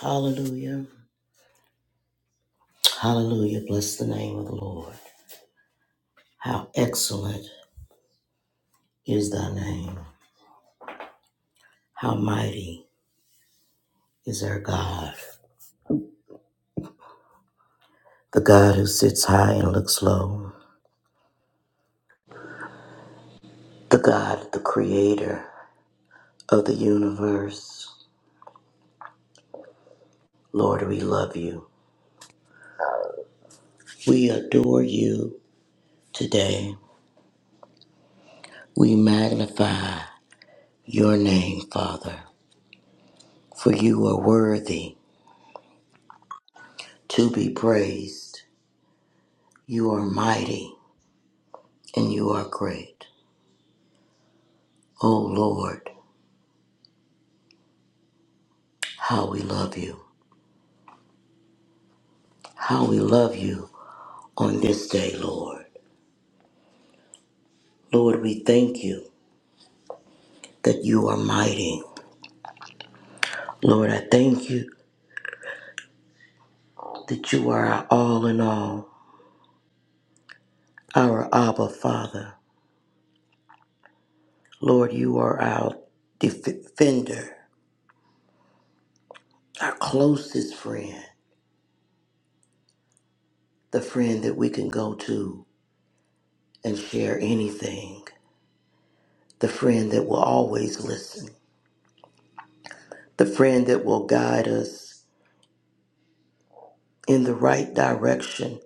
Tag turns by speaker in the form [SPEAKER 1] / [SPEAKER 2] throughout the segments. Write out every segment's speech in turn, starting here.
[SPEAKER 1] Hallelujah. Hallelujah. Bless the name of the Lord. How excellent is thy name. How mighty is our God. The God who sits high and looks low. The God, the creator of the universe. Lord, we love you. We adore you today. We magnify your name, Father, for you are worthy to be praised. You are mighty and you are great. O Lord, How we love you. How we love you on this day, Lord. Lord, we thank you that you are mighty. Lord, I thank you that you are our all in all, our Abba Father. Lord, you are our defender, our closest friend, the friend that we can go to and share anything, the friend that will always listen, the friend that will guide us in the right direction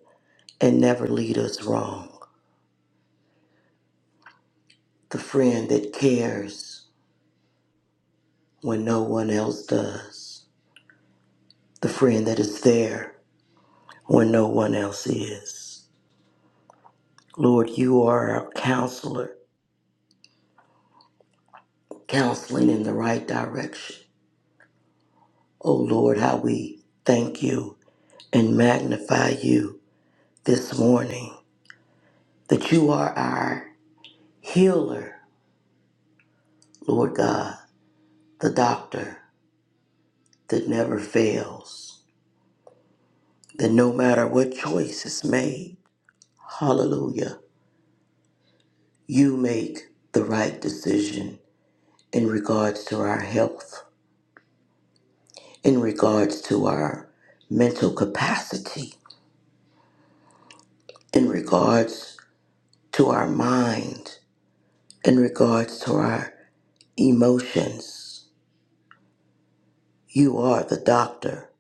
[SPEAKER 1] and never lead us wrong. the friend that cares when no one else does, the friend that is there when no one else is. Lord, you are our counselor, counseling in the right direction. Oh Lord, how we thank you and magnify you this morning that you are our healer, Lord God, the doctor that never fails, that no matter what choice is made, hallelujah. you make the right decision in regards to our health, in regards to our mental capacity, in regards to our mind, in regards to our emotions. You are the doctor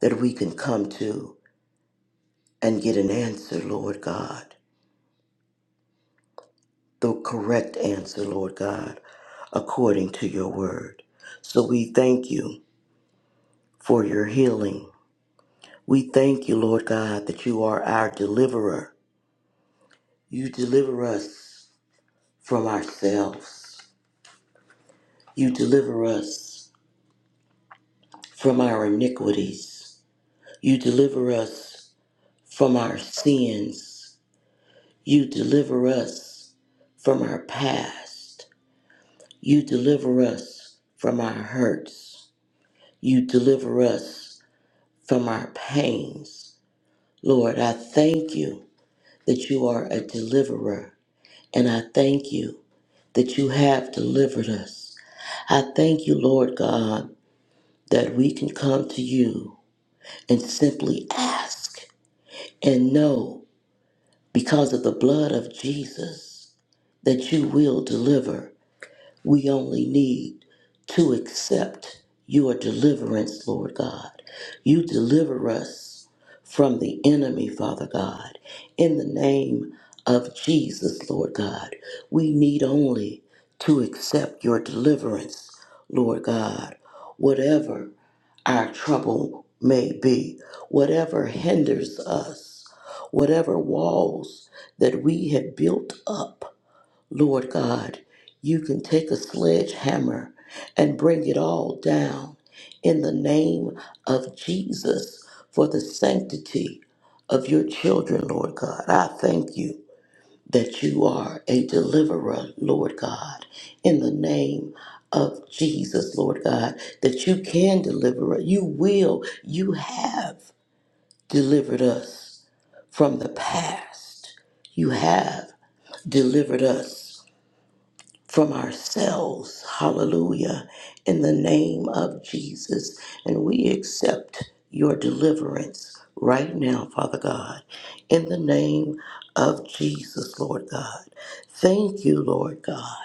[SPEAKER 1] that we can come to and get an answer, Lord God, the correct answer, Lord God, according to your word. So we thank you for your healing. We thank you, Lord God, that you are our deliverer. You deliver us from ourselves. You deliver us from our iniquities. You deliver us from our sins. You deliver us from our past. You deliver us from our hurts. You deliver us from our pains. Lord, I thank you that you are a deliverer. And I thank you that you have delivered us. I thank you, Lord God, that we can come to you and simply ask and know because of the blood of Jesus that you will deliver We only need to accept your deliverance, Lord God. You deliver us from the enemy, Father God. In the name of Jesus, Lord God, we need only to accept your deliverance, Lord God. Whatever our trouble may be, whatever hinders us, whatever walls that we have built up Lord God, you can take a sledgehammer and bring it all down in the name of Jesus for the sanctity of your children, Lord God. I thank you that you are a deliverer, Lord God, in the name of Jesus, Lord God, that you can deliver us. You will. You have delivered us from the past. You have delivered us from ourselves. Hallelujah. In the name of Jesus. And we accept your deliverance right now, Father God. In the name of Jesus, Lord God. Thank you, Lord God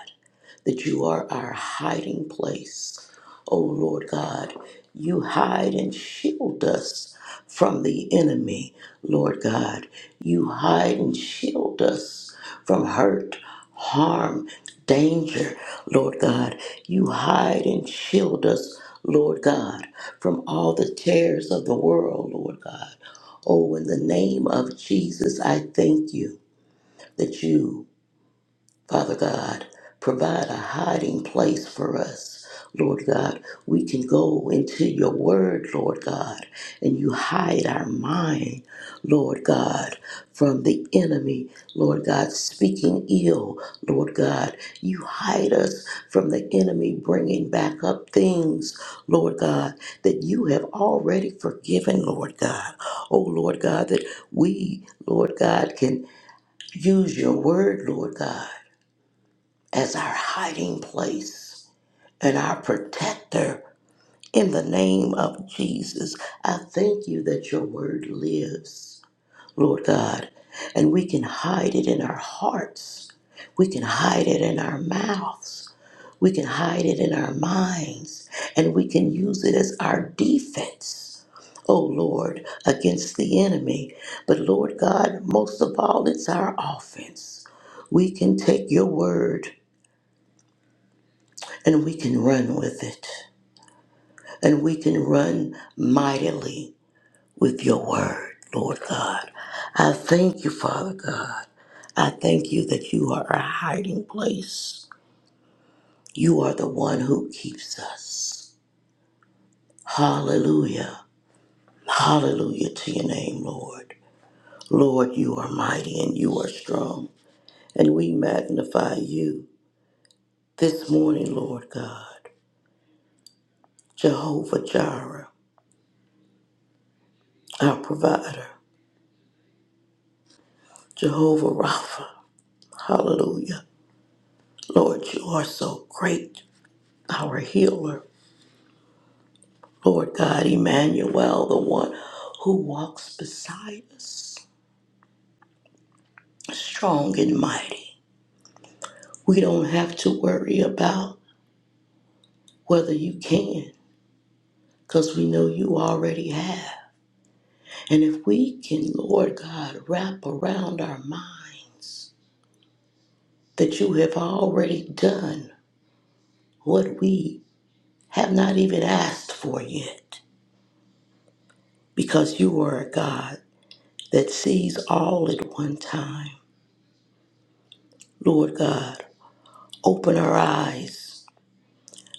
[SPEAKER 1] that you are our hiding place. O Lord God, you hide and shield us from the enemy, Lord God. You hide and shield us from hurt, harm, danger, Lord God. You hide and shield us, Lord God, from all the terrors of the world, Lord God. Oh, in the name of Jesus, I thank you that you Father God, provide a hiding place for us. Lord God, we can go into your word, Lord God, and you hide our mind, Lord God, from the enemy, Lord God, speaking ill, Lord God. You hide us from the enemy bringing back up things, Lord God, that you have already forgiven, Lord God. Oh, Lord God, that we, Lord God, can use your word, Lord God as our hiding place and our protector in the name of Jesus. I thank you that your word lives, Lord God, and we can hide it in our hearts. We can hide it in our mouths. We can hide it in our minds, and we can use it as our defense. Oh Lord, against the enemy. But Lord God, most of all, it's our offense. We can take your word and we can run with it. And we can run mightily with your word, Lord God. I thank you, Father God. I thank you that you are our hiding place. You are the one who keeps us. Hallelujah. Hallelujah to your name, Lord. Lord, you are mighty and you are strong. And we magnify you this morning, Lord God. Jehovah Jireh, our provider. Jehovah Rapha, Hallelujah. Lord, you are so great, our healer. Lord God, Emmanuel, the one who walks beside us, strong and mighty. We don't have to worry about whether you can, because we know you already have. And if we can, Lord God, wrap around our mind that you have already done what we have not even asked for yet, because you are a God that sees all at one time. Lord God, open our eyes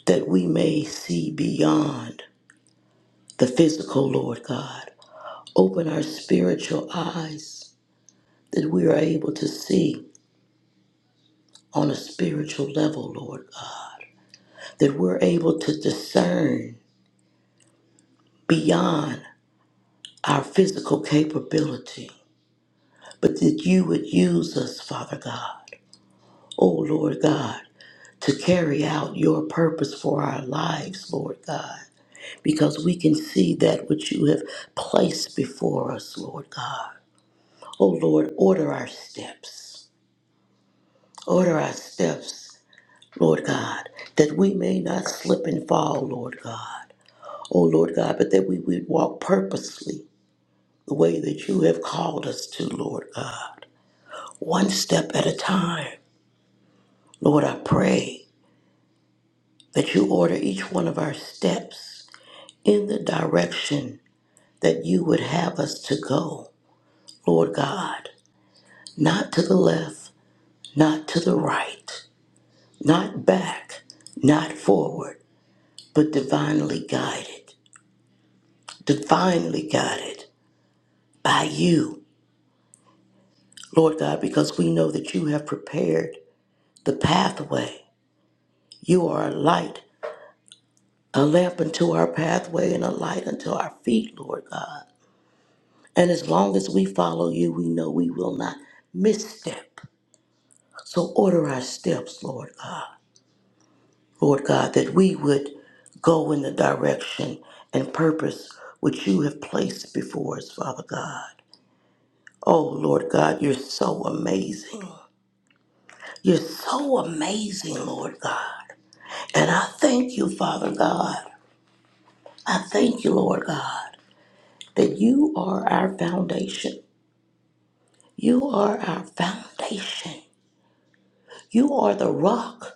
[SPEAKER 1] that we may see beyond the physical, Lord God. Open our spiritual eyes that we are able to see on a spiritual level, Lord God. That we're able to discern beyond our physical capability, but that you would use us, Father God. Oh, Lord God, to carry out your purpose for our lives, Lord God. because we can see that which you have placed before us, Lord God. Oh Lord, order our steps. Order our steps, Lord God, that we may not slip and fall, Lord God. Oh Lord God, but that we would walk purposely the way that you have called us to, Lord God, one step at a time. Lord, I pray that you order each one of our steps in the direction that you would have us to go, Lord God. Not to the left, not to the right, not back, not forward, but divinely guided, divinely guided by you, Lord God, because we know that you have prepared the pathway. You are a light, a lamp unto our pathway, and a light unto our feet, Lord God. And as long as we follow you, we know we will not misstep. So order our steps, Lord God. Lord God, that we would go in the direction and purpose which you have placed before us, Father God. Oh, Lord God, you're so amazing. You're so amazing, Lord God. And I thank you, Father God. I thank you, Lord God, that you are our foundation. You are our foundation. You are the rock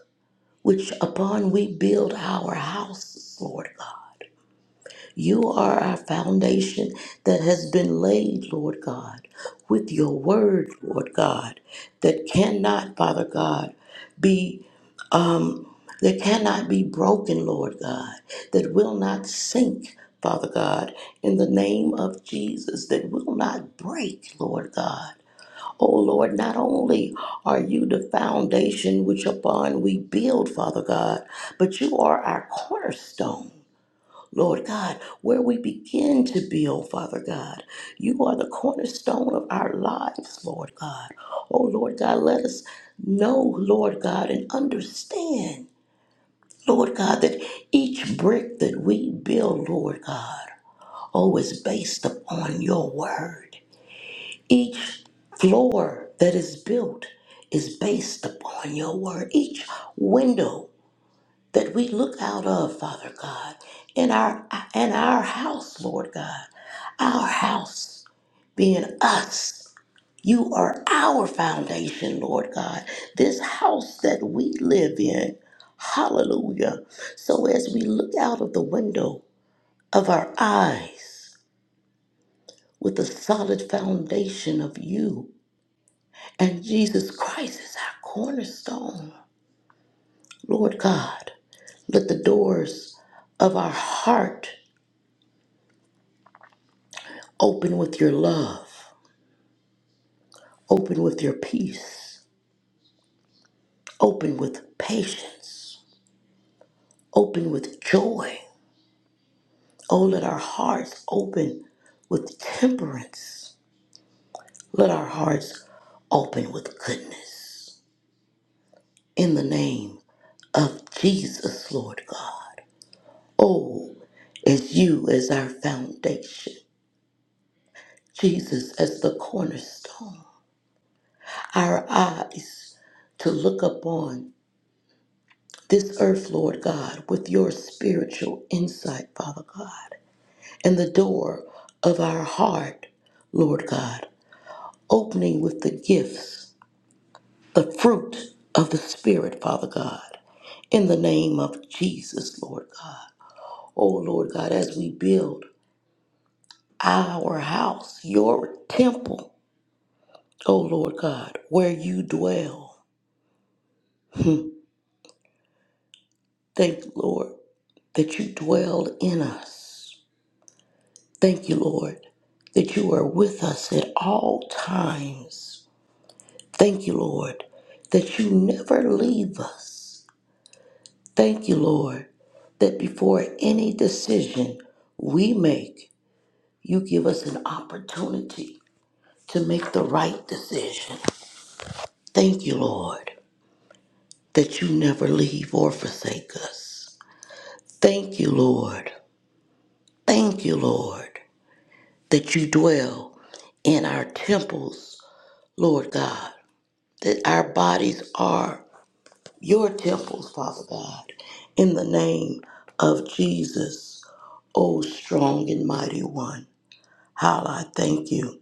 [SPEAKER 1] which upon we build our houses, Lord God. You are our foundation that has been laid, Lord God, with your word, Lord God, that cannot, Father God, be um that cannot be broken, Lord God, that will not sink, Father God, in the name of Jesus, that will not break, Lord God. Oh Lord, not only are you the foundation which upon we build, Father God, but you are our cornerstone. Lord God, where we begin to build, Father God. You are the cornerstone of our lives, Lord God. Oh, Lord God, let us know, Lord God, and understand, Lord God, that each brick that we build, Lord God, oh, is based upon your word. Each floor that is built is based upon your word. Each window that we look out of, Father God, in our in our house, Lord God. Our house being us. You are our foundation, Lord God. This house that we live in. Hallelujah. So as we look out of the window of our eyes with the solid foundation of you and Jesus Christ is our cornerstone, Lord God, let the doors of our heart Open with your love. Open with your peace. Open with patience. Open with joy. Oh, let our hearts open with temperance. Let our hearts open with goodness. In the name of Jesus, Lord God. Oh, as you as our foundation, Jesus as the cornerstone, our eyes to look upon this earth, Lord God, with your spiritual insight, Father God, and the door of our heart, Lord God, opening with the gifts, the fruit of the Spirit, Father God, in the name of Jesus, Lord God. Oh, Lord God, as we build our house, your temple, oh, Lord God, where you dwell, thank, you, Lord, that you dwell in us. Thank you, Lord, that you are with us at all times. Thank you, Lord, that you never leave us. Thank you, Lord, that before any decision we make, you give us an opportunity to make the right decision. Thank you, Lord, that you never leave or forsake us. Thank you, Lord. Thank you, Lord, that you dwell in our temples, Lord God. that our bodies are your temples, Father God, in the name of Jesus, O strong and mighty one. How I thank you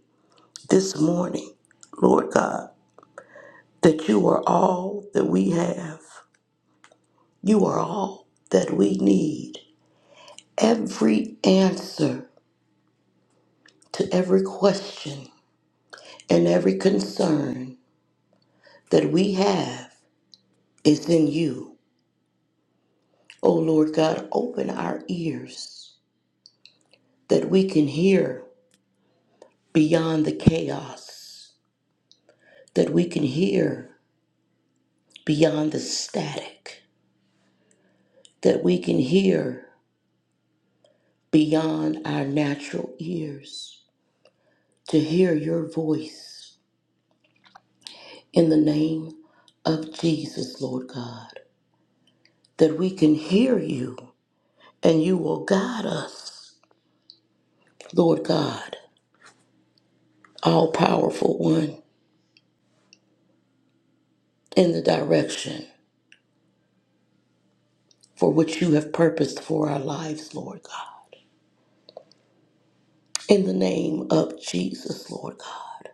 [SPEAKER 1] this morning, Lord God, that you are all that we have. You are all that we need. Every answer to every question and every concern that we have is in you. O Lord God, open our ears that we can hear beyond the chaos, that we can hear beyond the static, that we can hear beyond our natural ears, to hear your voice in the name of Jesus, Lord God, that we can hear you and you will guide us, Lord God, all powerful one, in the direction for which you have purposed for our lives, Lord God. in the name of Jesus, Lord God.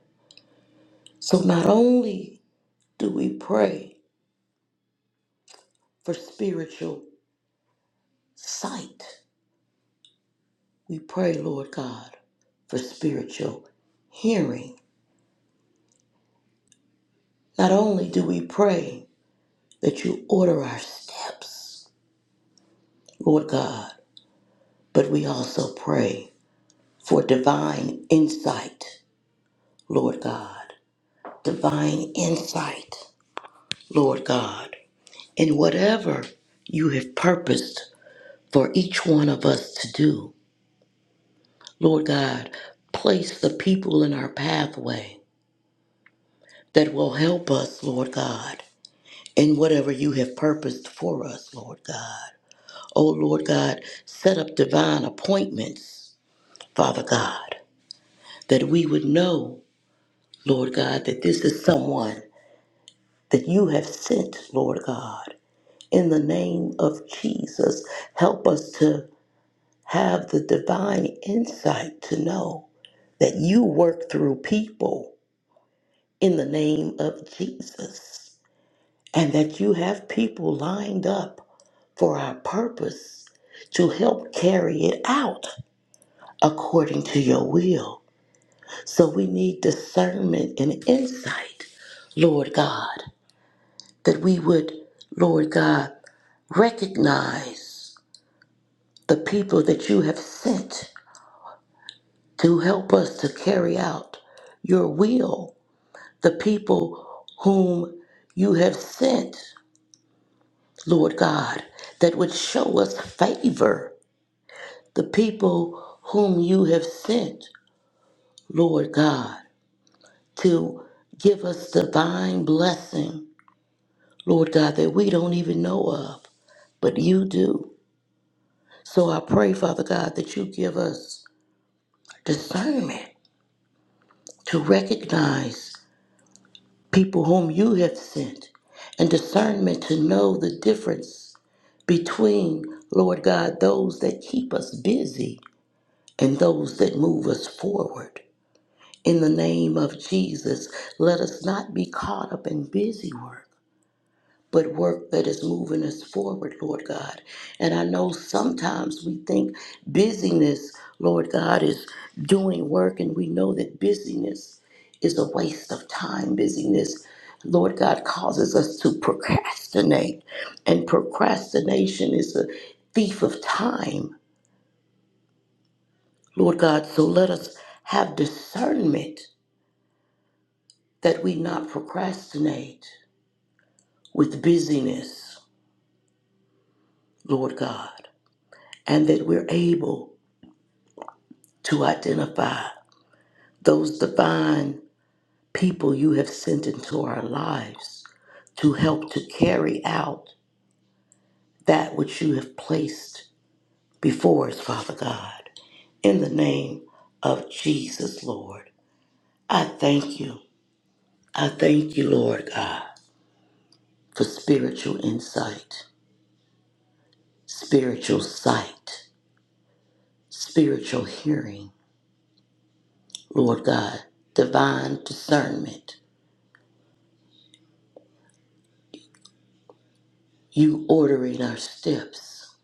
[SPEAKER 1] So not only do we pray for spiritual sight, we pray, Lord God, for spiritual hearing. Not only do we pray that you order our steps, Lord God, but we also pray for divine insight, Lord God. Divine insight, Lord God, in whatever you have purposed for each one of us to do. Lord God, place the people in our pathway that will help us, Lord God, in whatever you have purposed for us, Lord God. Oh, Lord God, set up divine appointments, Father God, that we would know, Lord God, that this is someone that you have sent, Lord God. In the name of Jesus, help us to have the divine insight to know that you work through people in the name of Jesus, and that you have people lined up for our purpose to help carry it out according to your will. So we need discernment and insight, Lord God, that we would, Lord God, recognize the people that you have sent to help us to carry out your will the people whom you have sent, Lord God, that would show us favor, the people whom you have sent, Lord God, to give us divine blessing, Lord God, that we don't even know of, but you do. So I pray, Father God, that you give us discernment to recognize people whom you have sent and discernment to know the difference between, Lord God, those that keep us busy and those that move us forward. In the name of Jesus, let us not be caught up in busy work but work that is moving us forward, Lord God. And I know sometimes we think busyness, Lord God, is doing work, and we know that busyness is a waste of time. Busyness, Lord God, causes us to procrastinate, and procrastination is a thief of time, Lord God. So let us have discernment that we not procrastinate with busyness, Lord God, and that we're able to identify those divine people you have sent into our lives to help to carry out that which you have placed before us, Father God. In the name of Jesus, Lord, I thank you. I thank you, Lord God, for spiritual insight, spiritual sight, spiritual hearing, Lord God, divine discernment, you ordering our steps.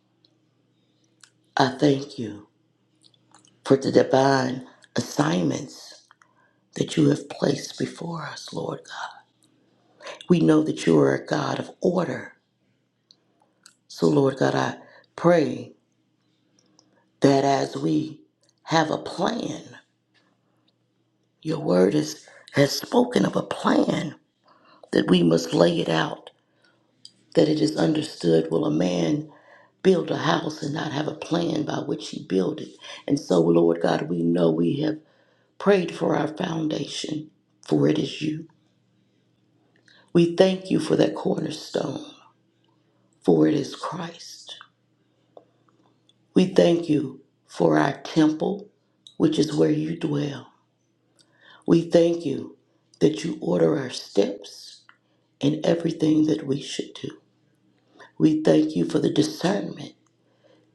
[SPEAKER 1] I thank you. for the divine assignments that you have placed before us, Lord God. We know that you are a God of order. So, Lord God, I pray that as we have a plan, your word is, has spoken of a plan, that we must lay it out, that it is understood. Will a man build a house and not have a plan by which he build it? And so, Lord God, we know we have prayed for our foundation, for it is you. We thank you for that cornerstone, for it is Christ. We thank you for our temple, which is where you dwell. We thank you that you order our steps in everything that we should do. We thank you for the discernment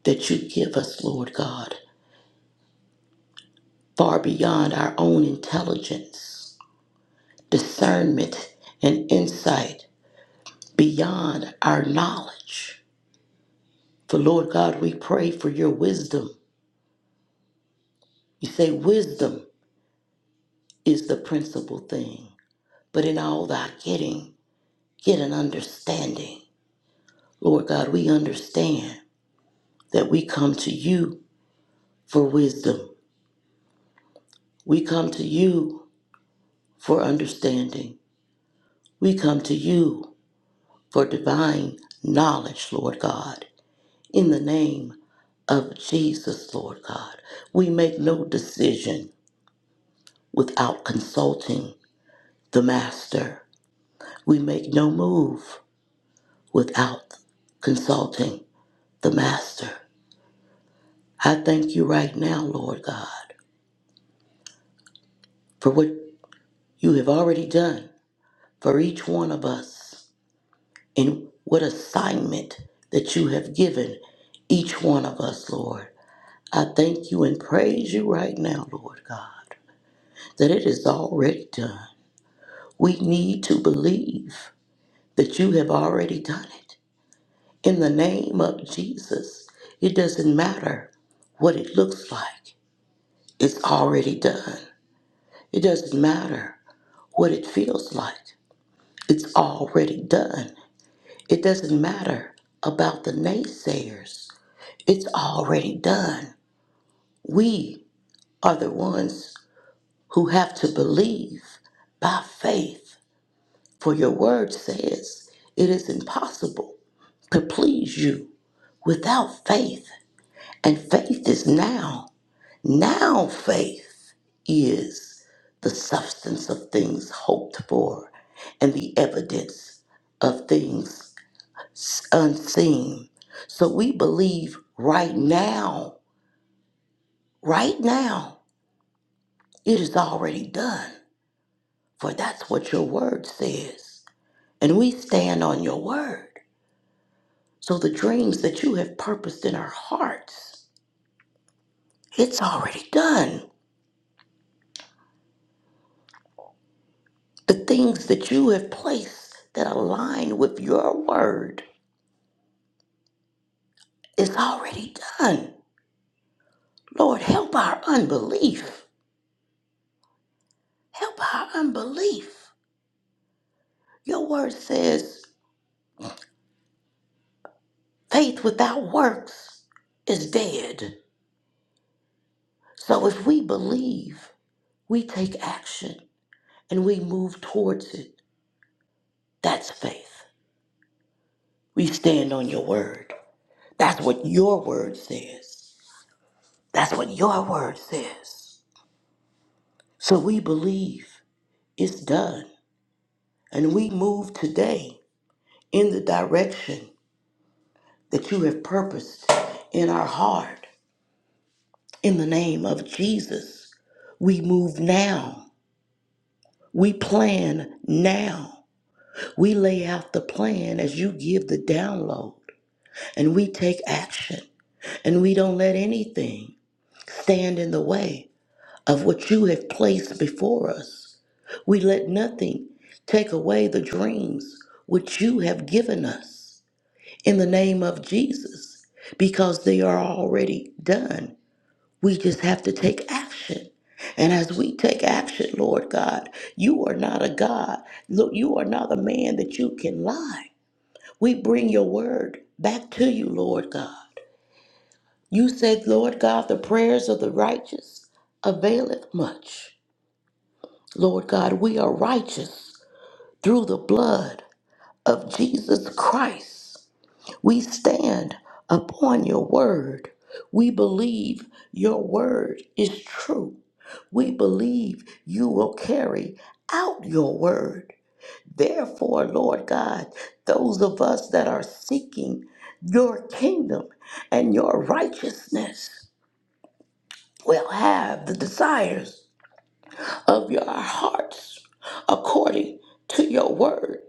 [SPEAKER 1] that you give us, Lord God, far beyond our own intelligence, discernment and insight beyond our knowledge. For Lord God, we pray for your wisdom. You say, Wisdom is the principal thing. But in all thy getting, get an understanding. Lord God, we understand that we come to you for wisdom. We come to you for understanding. We come to you for divine knowledge, Lord God. In the name of Jesus, Lord God. We make no decision without consulting the Master. We make no move without consulting the Master. I thank you right now, Lord God, for what you have already done for each one of us and what assignment that you have given each one of us, Lord. I thank you and praise you right now, Lord God, that it is already done. We need to believe that you have already done it. In the name of Jesus, it doesn't matter what it looks like, it's already done. It doesn't matter what it feels like. It's already done. It doesn't matter about the naysayers. It's already done. We are the ones who have to believe by faith. For your word says it is impossible to please you without faith. And faith is now. Now faith is the substance of things hoped for and the evidence of things unseen. So we believe right now, right now, it is already done. For that's what your word says. And we stand on your word. So the dreams that you have purposed in our hearts, it's already done. The things that you have placed that align with your word, it's already done. Lord, help our unbelief. Help our unbelief. Your word says Faith without works is dead. So if we believe, we take action and we move towards it. That's faith. We stand on your word. That's what your word says. That's what your word says. So we believe it's done and we move today in the direction that you have purposed in our heart. In the name of Jesus, we move now. We plan now. We lay out the plan as you give the download, and we take action, and we don't let anything stand in the way of what you have placed before us. We let nothing take away the dreams which you have given us in the name of Jesus because they are already done. We just have to take action. And as we take action, Lord God, you are not a God. Look, you are not a man that you can lie. We bring your word back to you, Lord God. You said, Lord God, the prayers of the righteous availeth much. Lord God, we are righteous through the blood of Jesus Christ. We stand upon your word. We believe your word is true. We believe you will carry out your word. Therefore, Lord God, those of us that are seeking your kingdom and your righteousness will have the desires of your hearts according to your word.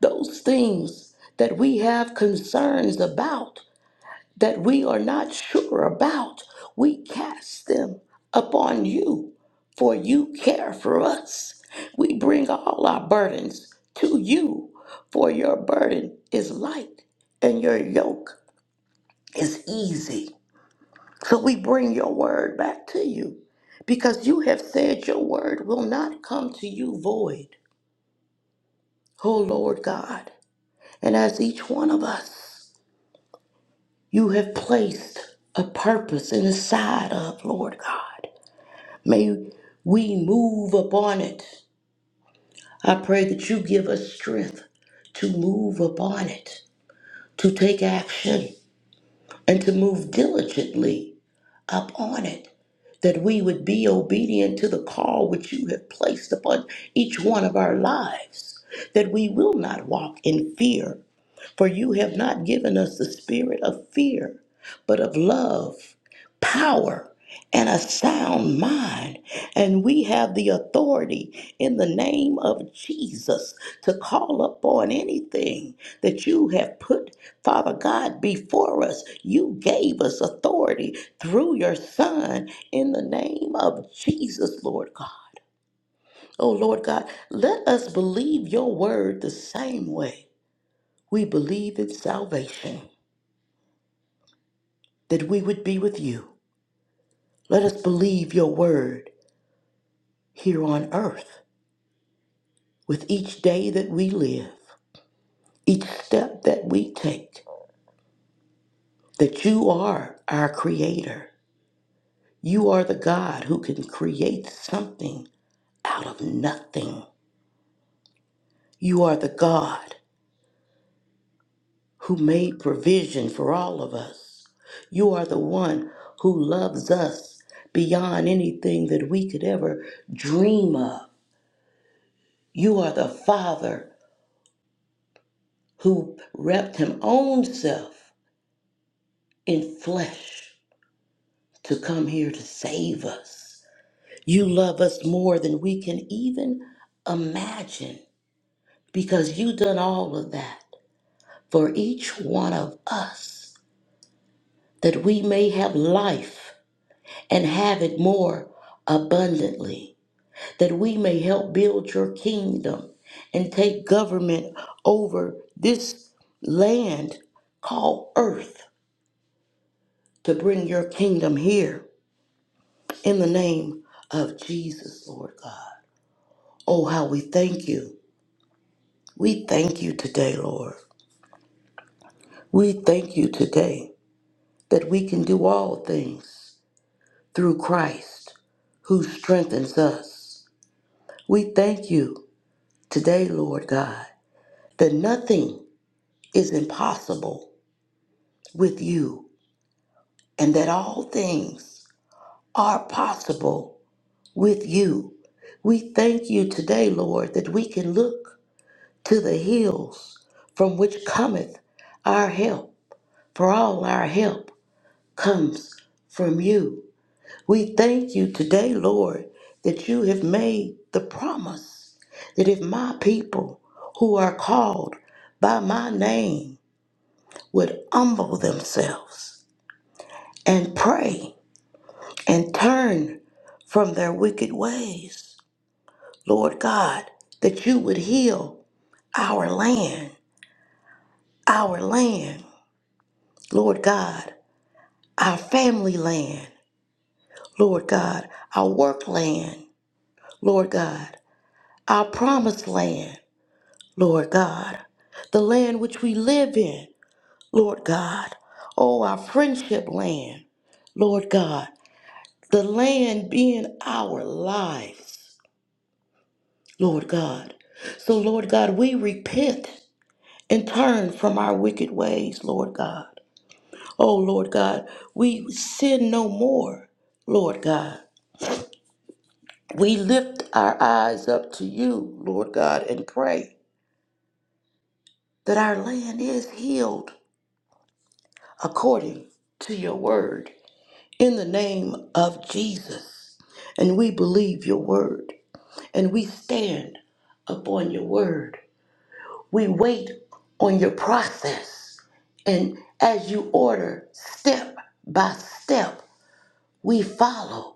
[SPEAKER 1] Those things that we have concerns about that we are not sure about, we cast them upon you, for you care for us. We bring all our burdens to you, for your burden is light and your yoke is easy. So we bring your word back to you because you have said your word will not come to you void, O Lord God. And as each one of us, you have placed a purpose inside of, Lord God. May we move upon it. I pray that you give us strength to move upon it, to take action, and to move diligently upon it, that we would be obedient to the call which you have placed upon each one of our lives, that we will not walk in fear for you have not given us the spirit of fear, but of love, power, and a sound mind. And we have the authority in the name of Jesus to call upon anything that you have put, Father God, before us. You gave us authority through your Son in the name of Jesus, Lord God. Oh, Lord God, let us believe your word the same way. We believe in salvation, that we would be with you. Let us believe your word here on earth, with each day that we live, each step that we take, that you are our creator. You are the God who can create something out of nothing. You are the God who made provision for all of us. You are the one who loves us beyond anything that we could ever dream of. You are the Father who wrapped him own self in flesh to come here to save us. You love us more than we can even imagine because you done all of that for each one of us that we may have life and have it more abundantly, that we may help build your kingdom and take government over this land called earth to bring your kingdom here in the name of Jesus, Lord God. Oh, how we thank you. We thank you today, Lord. We thank you today that we can do all things through Christ who strengthens us. We thank you today, Lord God, that nothing is impossible with you and that all things are possible with you. We thank you today, Lord, that we can look to the hills from which cometh our help, for all our help comes from you. We thank you today, Lord, that you have made the promise that if my people who are called by my name would humble themselves and pray and turn from their wicked ways, Lord God, that you would heal our land, our land. Lord God, our family land, Lord God, our work land, Lord God, our promised land, Lord God, the land which we live in, Lord God, oh, our friendship land, Lord God, the land being our lives, Lord God. So, Lord God, we repent and turn from our wicked ways, Lord God. Oh, Lord God, we sin no more, Lord God. We lift our eyes up to you, Lord God, and pray that our land is healed according to your word. In the name of Jesus. And we believe your word, and we stand upon your word. We wait on your process. And as you order step by step, we follow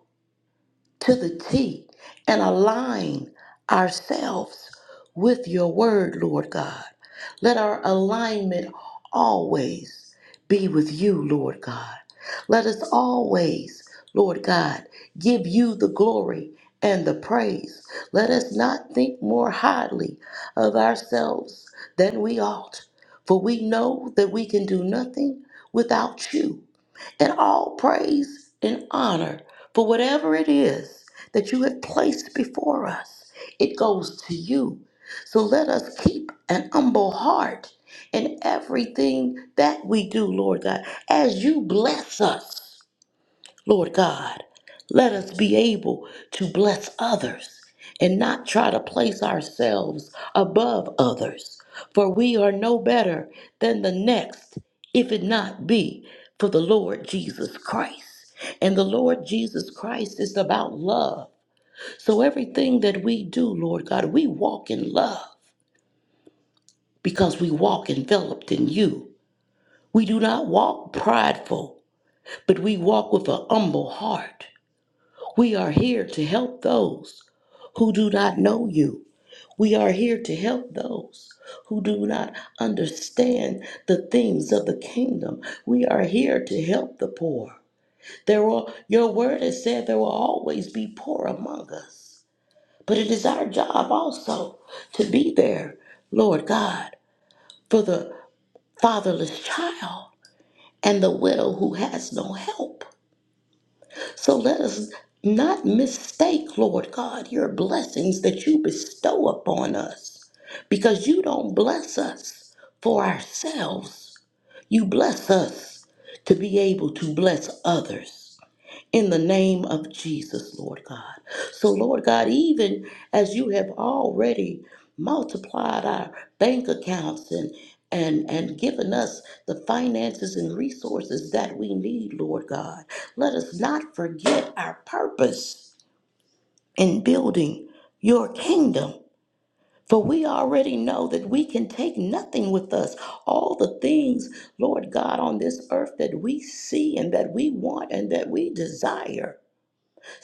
[SPEAKER 1] to the T and align ourselves with your word, Lord God. Let our alignment always be with you, Lord God. Let us always, Lord God, give you the glory and the praise. Let us not think more highly of ourselves than we ought, for we know that we can do nothing without you and all praise and honor for whatever it is that you have placed before us. It goes to you. So let us keep an humble heart in everything that we do, Lord God, as you bless us. Lord God, let us be able to bless others and not try to place ourselves above others, for we are no better than the next, if it not be for the Lord Jesus Christ. And the Lord Jesus Christ is about love. So everything that we do, Lord God, we walk in love because we walk enveloped in you. We do not walk prideful, but we walk with an humble heart. We are here to help those who do not know you. We are here to help those who do not understand the things of the kingdom. We are here to help the poor. There will, your word has said there will always be poor among us. But it is our job also to be there, Lord God, for the fatherless child and the widow who has no help. So let us not mistake, Lord God, your blessings that you bestow upon us because you don't bless us for ourselves. You bless us to be able to bless others in the name of Jesus, Lord God. So, Lord God, even as you have already multiplied our bank accounts and and, and given us the finances and resources that we need, Lord God. Let us not forget our purpose in building your kingdom. For we already know that we can take nothing with us. All the things, Lord God, on this earth that we see and that we want and that we desire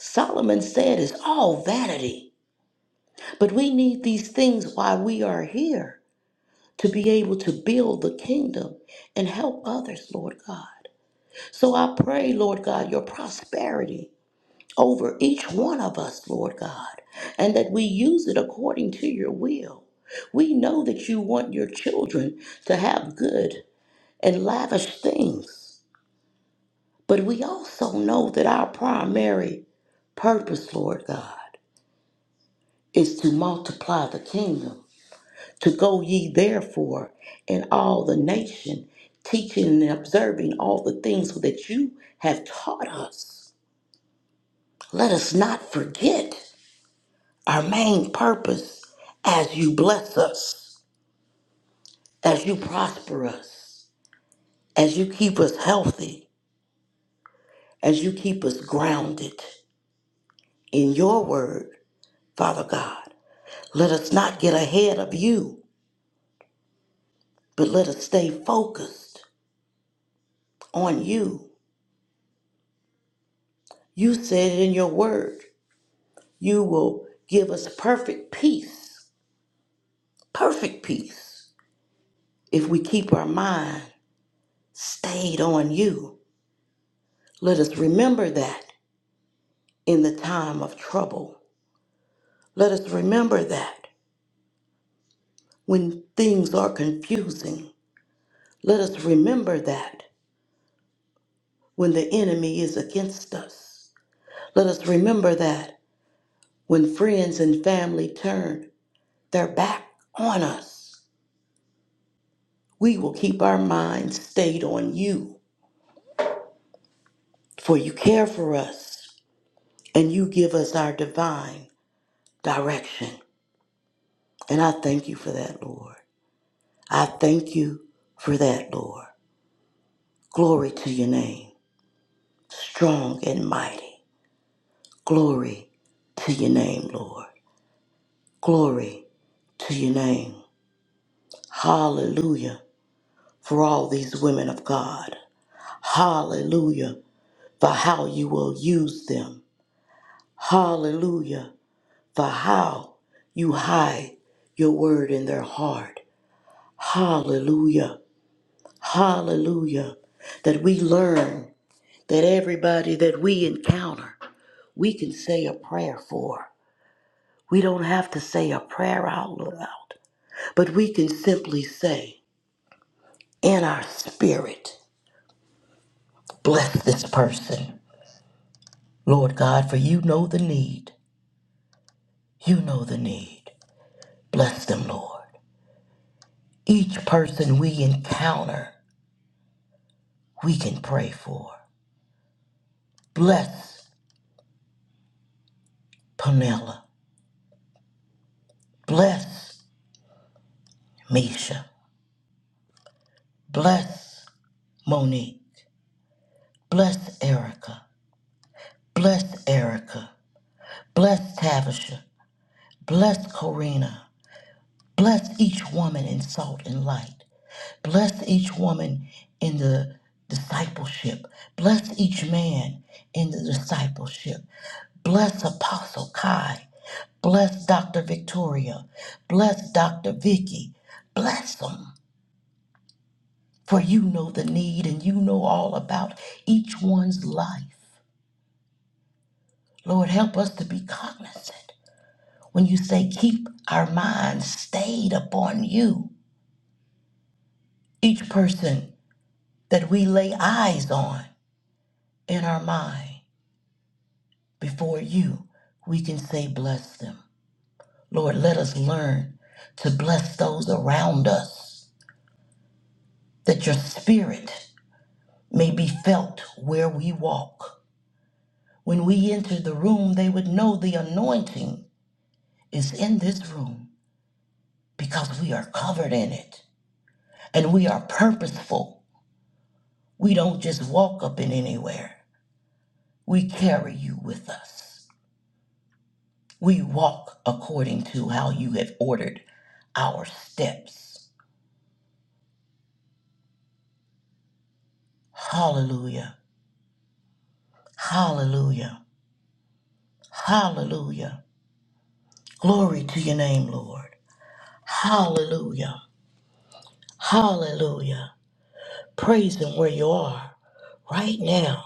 [SPEAKER 1] Solomon said "It's all vanity. But we need these things while we are here to be able to build the kingdom and help others, Lord God. So I pray, Lord God, your prosperity over each one of us, Lord God, and that we use it according to your will. We know that you want your children to have good and lavish things, but we also know that our primary purpose, Lord God, is to multiply the kingdom, to go ye therefore in all the nation, teaching and observing all the things that you have taught us. Let us not forget our main purpose as you bless us, as you prosper us, as you keep us healthy, as you keep us grounded in your word, Father God. Let us not get ahead of you, but let us stay focused on you You said it in your word. You will give us perfect peace, perfect peace, if we keep our mind stayed on you. Let us remember that in the time of trouble. Let us remember that when things are confusing. Let us remember that when the enemy is against us. Let us remember that when friends and family turn their back on us, we will keep our minds stayed on you For you care for us and you give us our divine direction. And I thank you for that, Lord. I thank you for that, Lord. Glory to your name, strong and mighty. Glory to your name, Lord. Glory to your name. Hallelujah for all these women of God. Hallelujah for how you will use them. Hallelujah for how you hide your word in their heart. Hallelujah. Hallelujah. That we learn that everybody that we encounter, we can say a prayer for. We don't have to say a prayer out loud, but we can simply say in our spirit, bless this person. Lord God, for you know the need. You know the need. Bless them, Lord. Each person we encounter, we can pray for. Bless Pamela. Bless Misha. Bless Monique. Bless Erica. Bless Erica. Bless Tavisha. Bless Corina. Bless each woman in salt and light. Bless each woman in the discipleship. Bless each man in the discipleship. Bless Apostle Kai. Bless Dr. Victoria. Bless Dr. Vicky. Bless them. For you know the need and you know all about each one's life. Lord, help us to be cognizant. When you say keep our minds stayed upon you, each person that we lay eyes on in our mind before you, we can say bless them. Lord, let us learn to bless those around us, that your spirit may be felt where we walk. When we enter the room, they would know the anointing is in this room because we are covered in it. and we are purposeful. We don't just walk up in anywhere. We carry you with us. We walk according to how you have ordered our steps. Hallelujah. Hallelujah. Hallelujah. Glory to your name, Lord. Hallelujah. Hallelujah. Praise him where you are right now.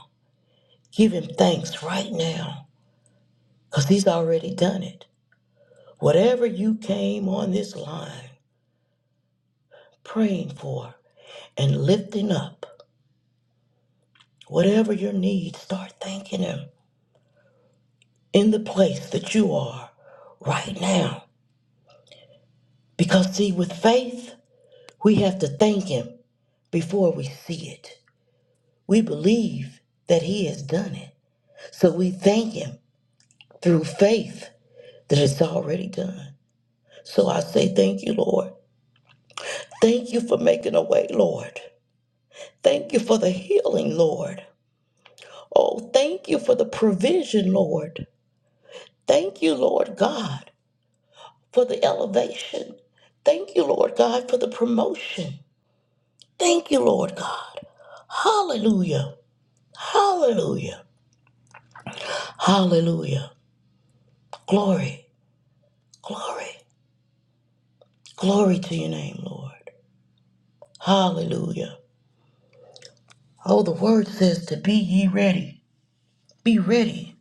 [SPEAKER 1] Give him thanks right now because he's already done it. Whatever you came on this line praying for and lifting up whatever your needs, start thanking Him in the place that you are right now. Because, see, with faith, we have to thank Him before we see it. We believe that He has done it. So we thank Him through faith that it's already done. So I say, Thank you, Lord. Thank you for making a way, Lord. Thank you for the healing, Lord. Oh, thank you for the provision, Lord. Thank you, Lord God, for the elevation. Thank you, Lord God, for the promotion. Thank you, Lord God. Hallelujah. Hallelujah. Hallelujah. Glory. Glory. Glory to your name, Lord. Hallelujah. Oh, the word says to be ye ready. Be ready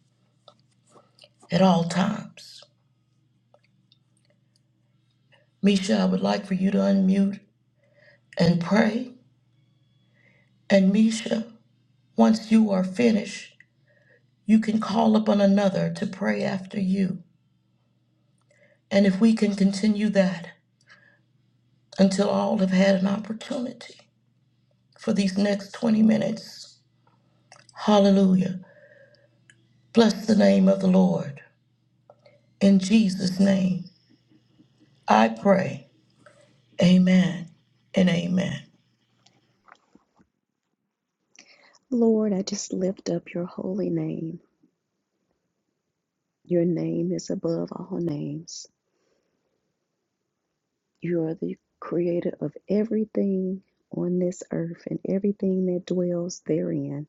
[SPEAKER 1] at all times. Misha, I would like for you to unmute and pray. And Misha, once you are finished, you can call upon another to pray after you. And if we can continue that until all have had an opportunity for these next 20 minutes, hallelujah. Bless the name of the Lord. In Jesus' name, I pray. Amen and amen.
[SPEAKER 2] Lord, I just lift up your holy name. Your name is above all names. You are the creator of everything on this earth and everything that dwells therein.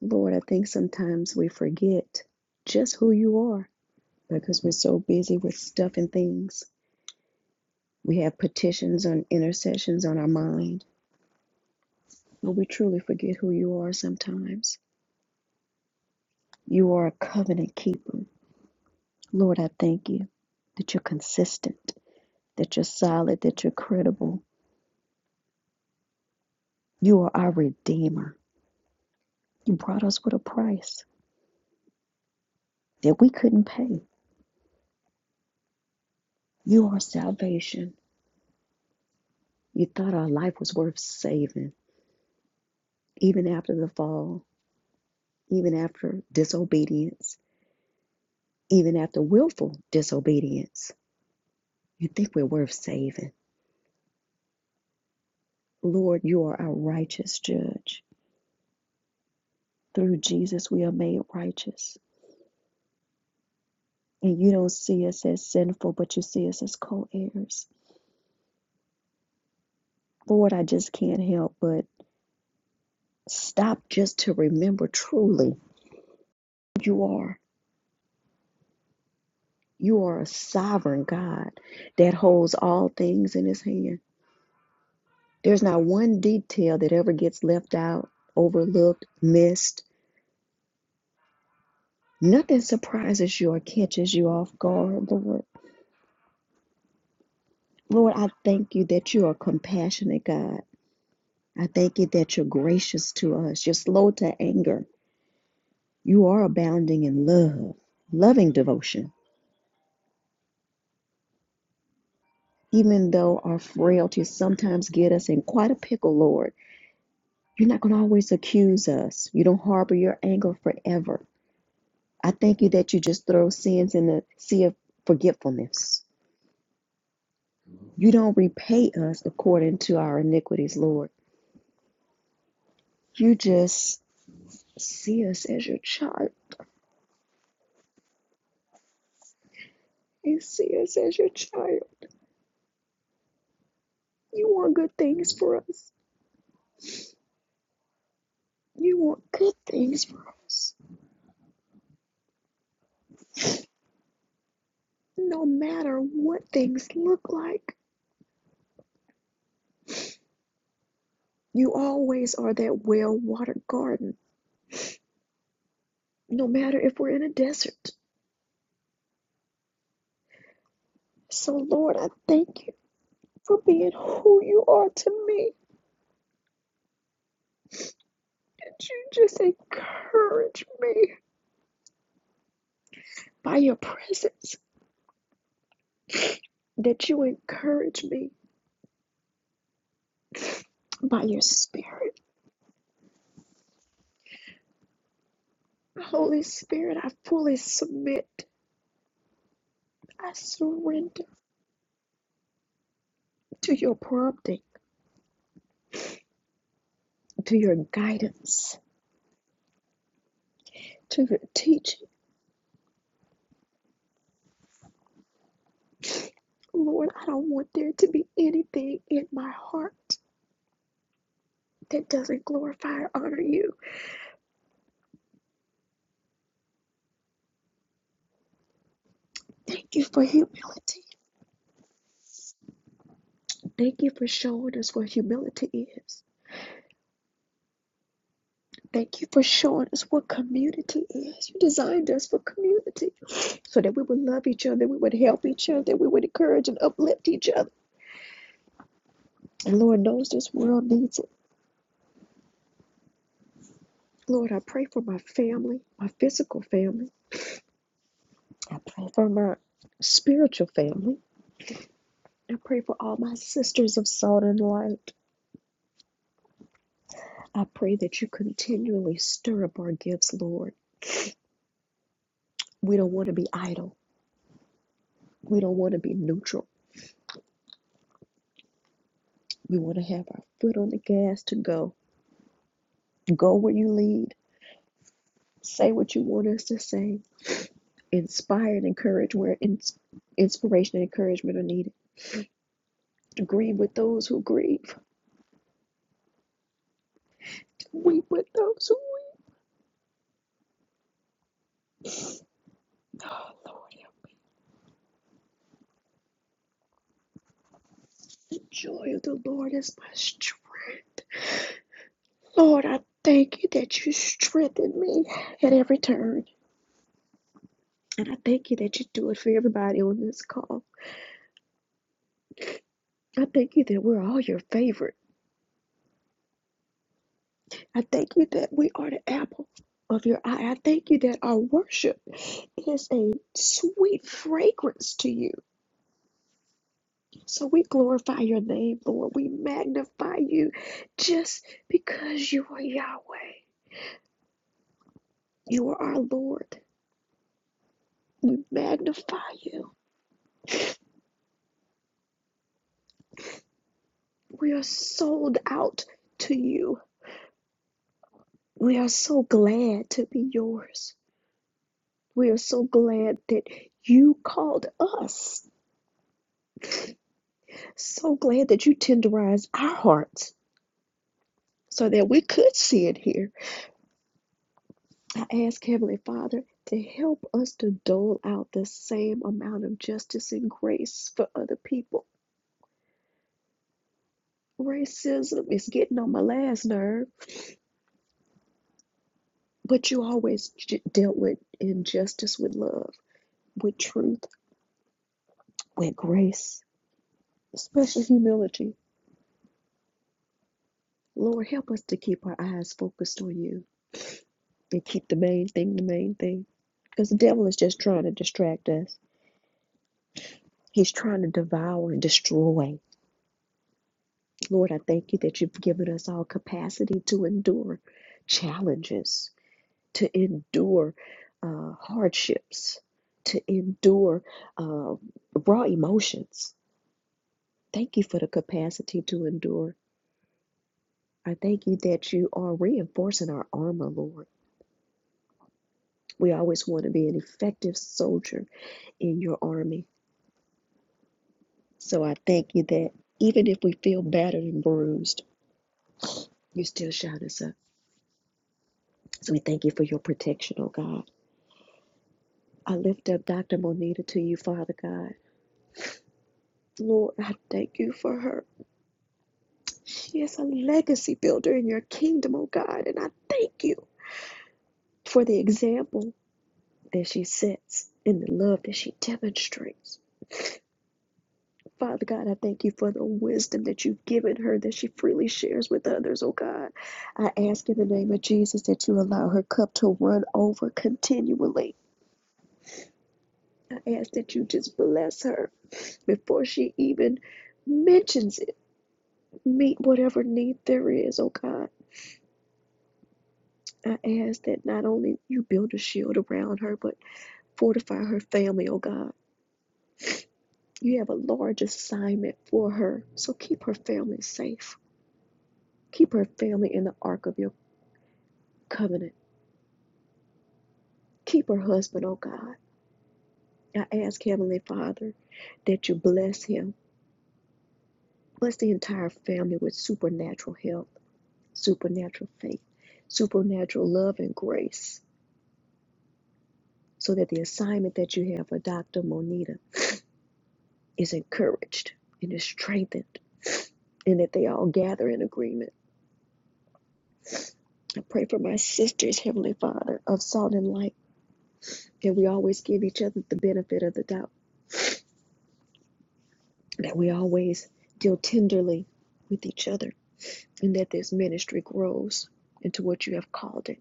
[SPEAKER 2] Lord, I think sometimes we forget just who you are because we're so busy with stuff and things. We have petitions and intercessions on our mind, but we truly forget who you are sometimes. You are a covenant keeper. Lord, I thank you that you're consistent. that you're solid, that you're credible. You are our Redeemer. You brought us with a price that we couldn't pay. You are salvation. You thought our life was worth saving, even after the fall, even after disobedience, even after willful disobedience. You think we're worth saving. Lord, you are our righteous judge. Through Jesus, we are made righteous. And you don't see us as sinful, but you see us as co heirs. Lord, I just can't help but Stop just to remember truly who you are. You are a sovereign God that holds all things in his hand. There's not one detail that ever gets left out, overlooked, missed. Nothing surprises you or catches you off guard, Lord. Lord, I thank you that you are compassionate, God. I thank you that you're gracious to us. You're slow to anger. You are abounding in love, loving devotion. even though our frailties sometimes get us in quite a pickle, Lord, you're not going to always accuse us. You don't harbor your anger forever. I thank you that you just throw sins in the sea of forgetfulness. You don't repay us according to our iniquities, Lord. You just see us as your child. You see us as your child. You want good things for us. You want good things for us, no matter what things look like. You always are that well watered garden, no matter if we're in a desert. So, Lord, I thank you for being who you are to me. That you just encourage me by your presence, that you encourage me by your spirit. Holy Spirit, I fully submit. I surrender to your prompting, to your guidance, to your teaching. Lord, I don't want there to be anything in my heart that doesn't glorify or honor you. Thank you for humility. Thank you for showing us what humility is. Thank you for showing us what community is. You designed us for community so that we would love each other, we would help each other, we would encourage and uplift each other. And Lord knows this world needs it. Lord, I pray for my family, my physical family. I pray for my spiritual family. I pray for all my sisters of salt and light. I pray that you continually stir up our gifts, Lord. We don't want to be idle. We don't want to be neutral. We want to have our foot on the gas to go. Go where you lead. Say what you want us to say. Inspire and encourage where ins- inspiration and encouragement are needed. Grieve with those who grieve. Weep with those who weep. Oh, Lord, the joy of the Lord is my strength. Lord, I thank you that you strengthen me at every turn. And I thank you that you do it for everybody on this call. I thank you that we're all your favorites. I thank you that we are the apple of your eye. I thank you that our worship is a sweet fragrance to you. So we glorify your name, Lord. We magnify you just because you are Yahweh. You are our Lord. We magnify you. We are sold out to you. We are so glad to be yours. We are so glad that you called us. So glad that you tenderized our hearts so that we could see it here. I ask Heavenly Father to help us to dole out the same amount of justice and grace for other people. Racism is getting on my last nerve, but you always j- dealt with injustice with love, with truth, with grace, especially humility. Lord, help us to keep our eyes focused on you and keep the main thing the main thing. Because the devil is just trying to distract us. He's trying to devour and destroy. Lord, I thank you that you've given us all capacity to endure challenges, to endure uh, hardships, to endure uh, raw emotions. Thank you for the capacity to endure. I thank you that you are reinforcing our armor, Lord. We always want to be an effective soldier in your army. So I thank you that even if we feel battered and bruised, you still shout us up. So we thank you for your protection, oh God. I lift up Dr. Monita to you, Father God. Lord, I thank you for her. She is a legacy builder in your kingdom, oh God, and I thank you for the example that she sets and the love that she demonstrates. Father God, I thank you for the wisdom that you've given her that she freely shares with others, oh God. I ask in the name of Jesus that you allow her cup to run over continually. I ask that you just bless her before she even mentions it meet whatever need there is, oh God. I ask that not only you build a shield around her, but fortify her family, oh God. You have a large assignment for her, so keep her family safe. Keep her family in the ark of your covenant. Keep her husband, oh God. I ask, Heavenly Father, that you bless him. Bless the entire family with supernatural health, supernatural faith, supernatural love and grace, so that the assignment that you have for Dr. Monita is encouraged and is strengthened, and that they all gather in agreement. I pray for my sisters, Heavenly Father, of salt and light, that we always give each other the benefit of the doubt, that we always deal tenderly with each other, and that this ministry grows into what you have called it.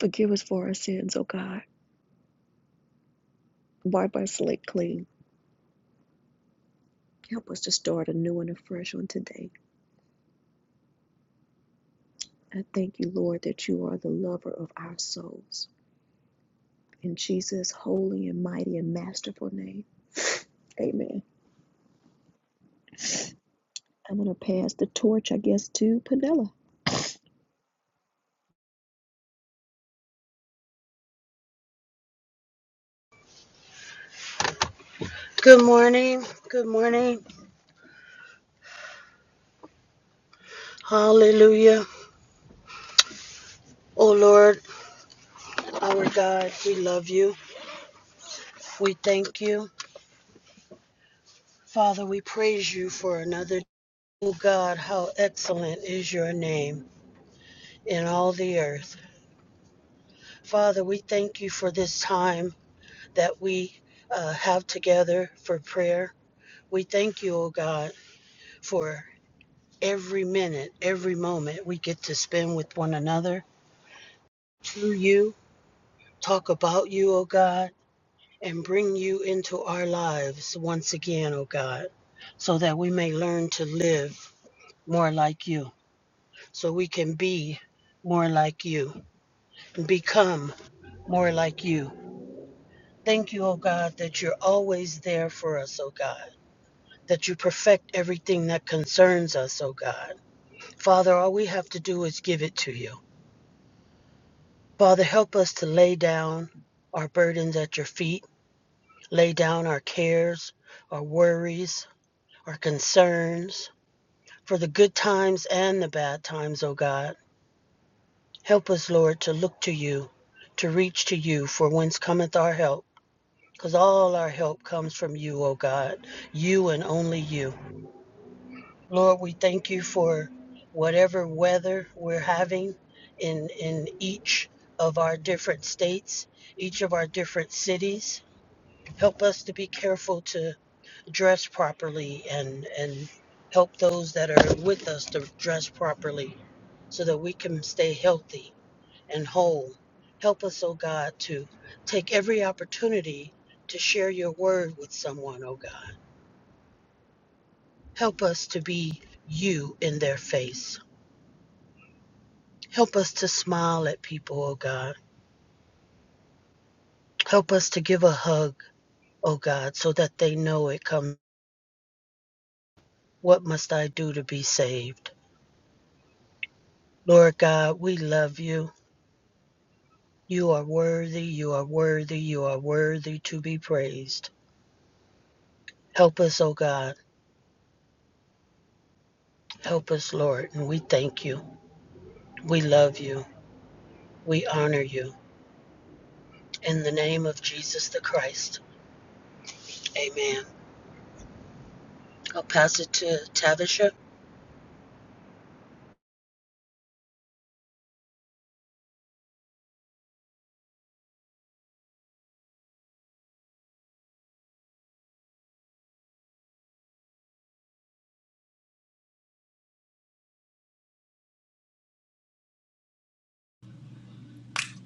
[SPEAKER 2] Forgive us for our sins, O God. Wipe our slate clean. Help us to start anew and afresh on today. I thank you, Lord, that you are the lover of our souls. In Jesus' holy and mighty and masterful name. Amen. I'm going to pass the torch, I guess, to Penella.
[SPEAKER 3] Good morning. Good morning. Hallelujah. O Lord, our God, we love you. We thank you. Father, we praise you for another. day. O God, how excellent is your name in all the earth. Father, we thank you for this time that we uh, have together for prayer. We thank you, O God, for every minute, every moment we get to spend with one another, to you, talk about you, O God. and bring you into our lives once again, O God, so that we may learn to live more like you, so we can be more like you, and become more like you. Thank you, O God, that you're always there for us, O God, that you perfect everything that concerns us, O God. Father, all we have to do is give it to you. Father, help us to lay down our burdens at your feet, lay down our cares, our worries, our concerns, For the good times and the bad times, O God, help us, Lord, to look to you, to reach to you, for whence cometh our help. Because all our help comes from you, O God, you and only you. Lord, we thank you for whatever weather we're having in, in each of our different states, each of our different cities. Help us to be careful to dress properly and and help those that are with us to dress properly so that we can stay healthy and whole help us oh god to take every opportunity to share your word with someone oh god help us to be you in their face help us to smile at people oh god help us to give a hug oh god so that they know it comes what must i do to be saved lord god we love you You are worthy, you are worthy, you are worthy to be praised. Help us, O God. Help us, Lord. And we thank you. We love you. We honor you. In the name of Jesus the Christ. Amen. I'll pass it to Tavisha,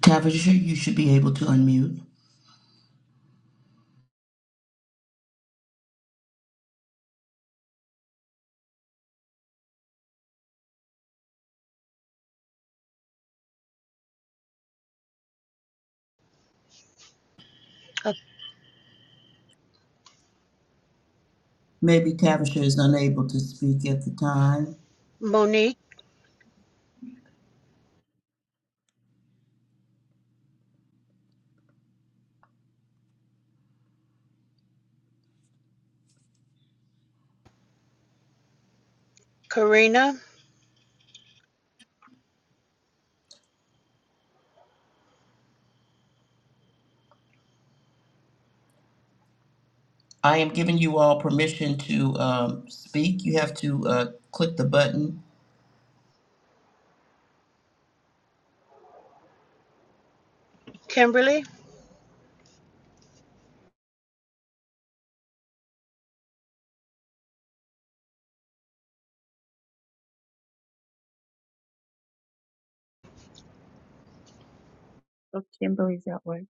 [SPEAKER 1] Tavisha, you should be able to unmute.
[SPEAKER 3] uh,
[SPEAKER 1] Maybe Tavisha is unable to speak at the time.
[SPEAKER 3] Monique, Karina,
[SPEAKER 1] I am giving you all permission to um, speak. You have to uh, click the button.
[SPEAKER 3] Kimberly.
[SPEAKER 4] Oh, Kimberly's at work.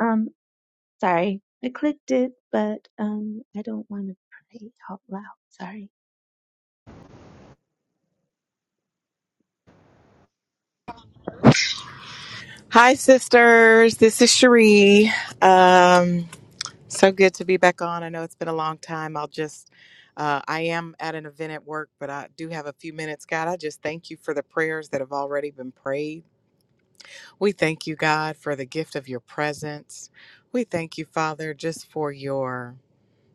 [SPEAKER 4] Um, sorry. I clicked it, but um, I don't want to pray out loud. Sorry.
[SPEAKER 5] Hi, sisters. This is Cherie. Um, so good to be back on. I know it's been a long time. I'll just, uh, I am at an event at work, but I do have a few minutes. God, I just thank you for the prayers that have already been prayed. We thank you, God, for the gift of your presence. We thank you, Father, just for your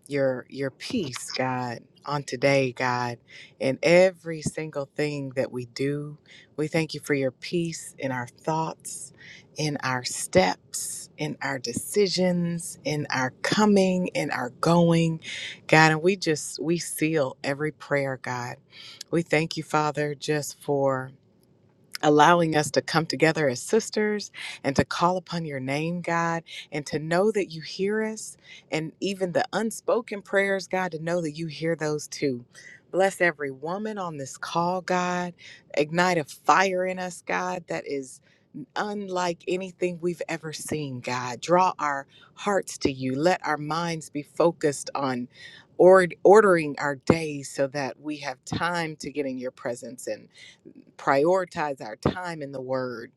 [SPEAKER 5] your your peace, God, on today, God, in every single thing that we do. We thank you for your peace in our thoughts, in our steps, in our decisions, in our coming, in our going, God, and we just we seal every prayer, God. We thank you, Father, just for allowing us to come together as sisters and to call upon your name, God, and to know that you hear us and even the unspoken prayers, God, to know that you hear those too. Bless every woman on this call, God. Ignite a fire in us, God, that is unlike anything we've ever seen, God. Draw our hearts to you. Let our minds be focused on ord- ordering our days so that we have time to get in your presence and prioritize our time in the word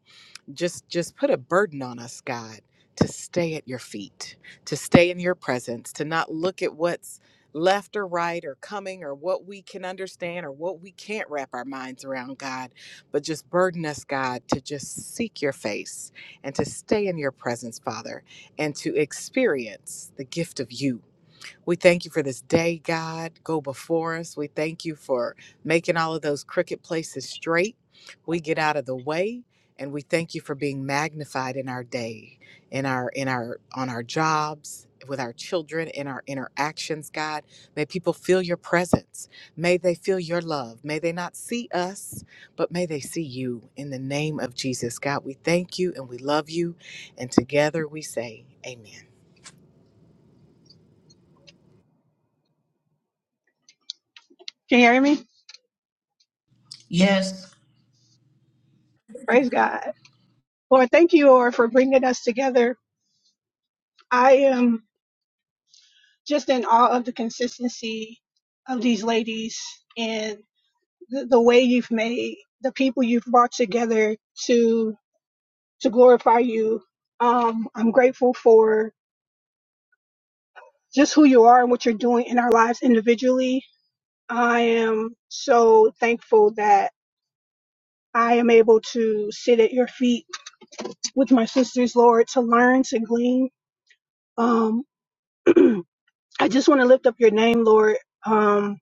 [SPEAKER 5] just just put a burden on us god to stay at your feet to stay in your presence to not look at what's left or right or coming or what we can understand or what we can't wrap our minds around god but just burden us god to just seek your face and to stay in your presence father and to experience the gift of you we thank you for this day, God. Go before us. We thank you for making all of those crooked places straight. We get out of the way and we thank you for being magnified in our day, in our in our on our jobs, with our children, in our interactions, God. May people feel your presence. May they feel your love. May they not see us, but may they see you in the name of Jesus, God. We thank you and we love you and together we say amen.
[SPEAKER 6] Can you hear me?
[SPEAKER 1] Yes.
[SPEAKER 6] Praise God. Lord, thank you, Lord, for bringing us together. I am just in awe of the consistency of these ladies and the, the way you've made the people you've brought together to to glorify you. Um, I'm grateful for just who you are and what you're doing in our lives individually. I am so thankful that I am able to sit at your feet with my sisters, Lord, to learn, to glean. Um, I just want to lift up your name, Lord. Um,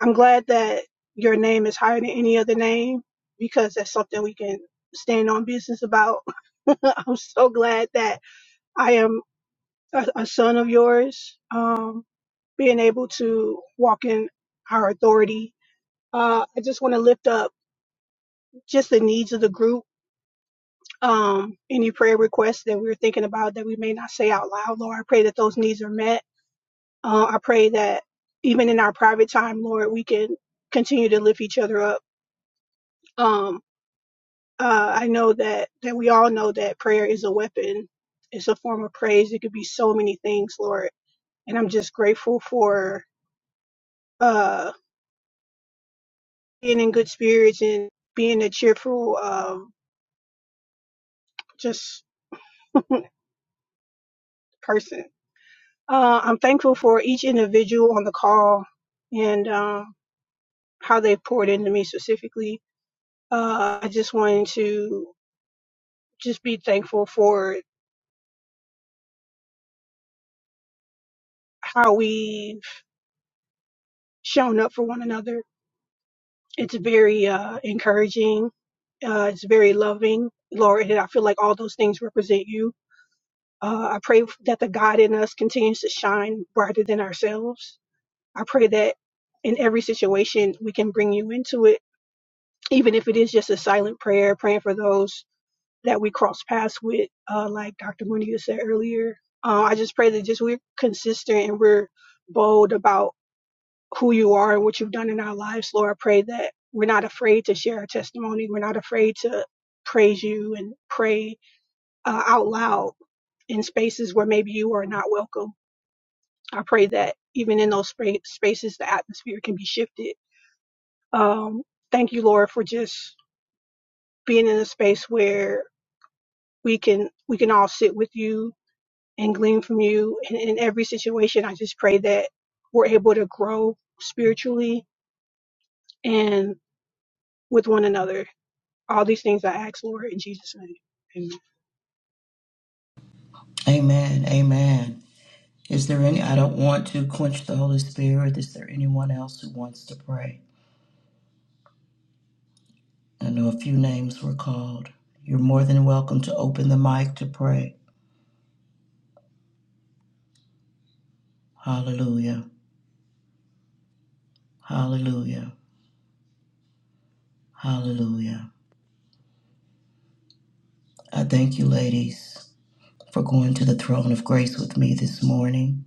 [SPEAKER 6] I'm glad that your name is higher than any other name because that's something we can stand on business about. I'm so glad that I am a, a son of yours. Um, being able to walk in our authority. Uh, I just want to lift up just the needs of the group. Um, any prayer requests that we're thinking about that we may not say out loud, Lord, I pray that those needs are met Uh, I pray that even in our private time, Lord, we can continue to lift each other up. Um, uh, I know that that we all know that prayer is a weapon. It's a form of praise. It could be so many things, Lord. And I'm just grateful for uh, being in good spirits and being a cheerful, um, just person. Uh, I'm thankful for each individual on the call and um, how they poured into me specifically. Uh, I just wanted to just be thankful for how we've shown up for one another. It's very uh, encouraging. Uh, it's very loving. Lord, and I feel like all those things represent you. Uh, I pray that the God in us continues to shine brighter than ourselves. I pray that in every situation we can bring you into it, even if it is just a silent prayer, praying for those that we cross paths with, uh, like Dr. Mooney said earlier. Uh, I just pray that just we're consistent and we're bold about who you are and what you've done in our lives, Lord. I pray that we're not afraid to share our testimony. We're not afraid to praise you and pray uh, out loud in spaces where maybe you are not welcome. I pray that even in those spa- spaces, the atmosphere can be shifted. Um, thank you, Lord, for just being in a space where we can we can all sit with you and glean from you. And in every situation, I just pray that we're able to grow spiritually and with one another All these things I ask, Lord, in Jesus' name. Amen.
[SPEAKER 1] Amen. Amen. Is there any, I don't want to quench the Holy Spirit. Is there anyone else who wants to pray? I know a few names were called. You're more than welcome to open the mic to pray. Hallelujah. Hallelujah. Hallelujah. I thank you, ladies, for going to the throne of grace with me this morning.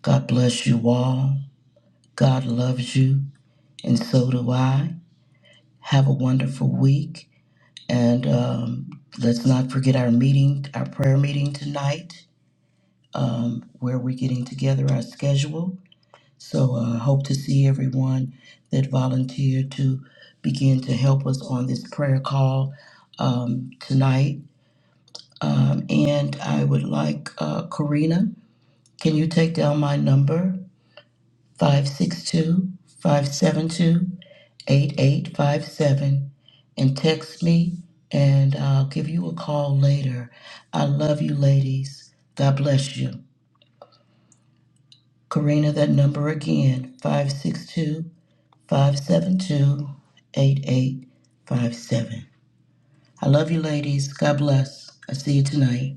[SPEAKER 1] God bless you all. God loves you, and so do I. Have a wonderful week. And um, let's not forget our meeting, our prayer meeting tonight. um, where we're getting together our schedule. So I uh, hope to see everyone that volunteered to begin to help us on this prayer call um, tonight. Um, and I would like uh, Karina, can you take down my number 562 572 8857 and text me, and I'll give you a call later. I love you, ladies. God bless you. Karina, that number again, five six two five seven two eight eight five seven. I love you ladies. God bless. I see you tonight.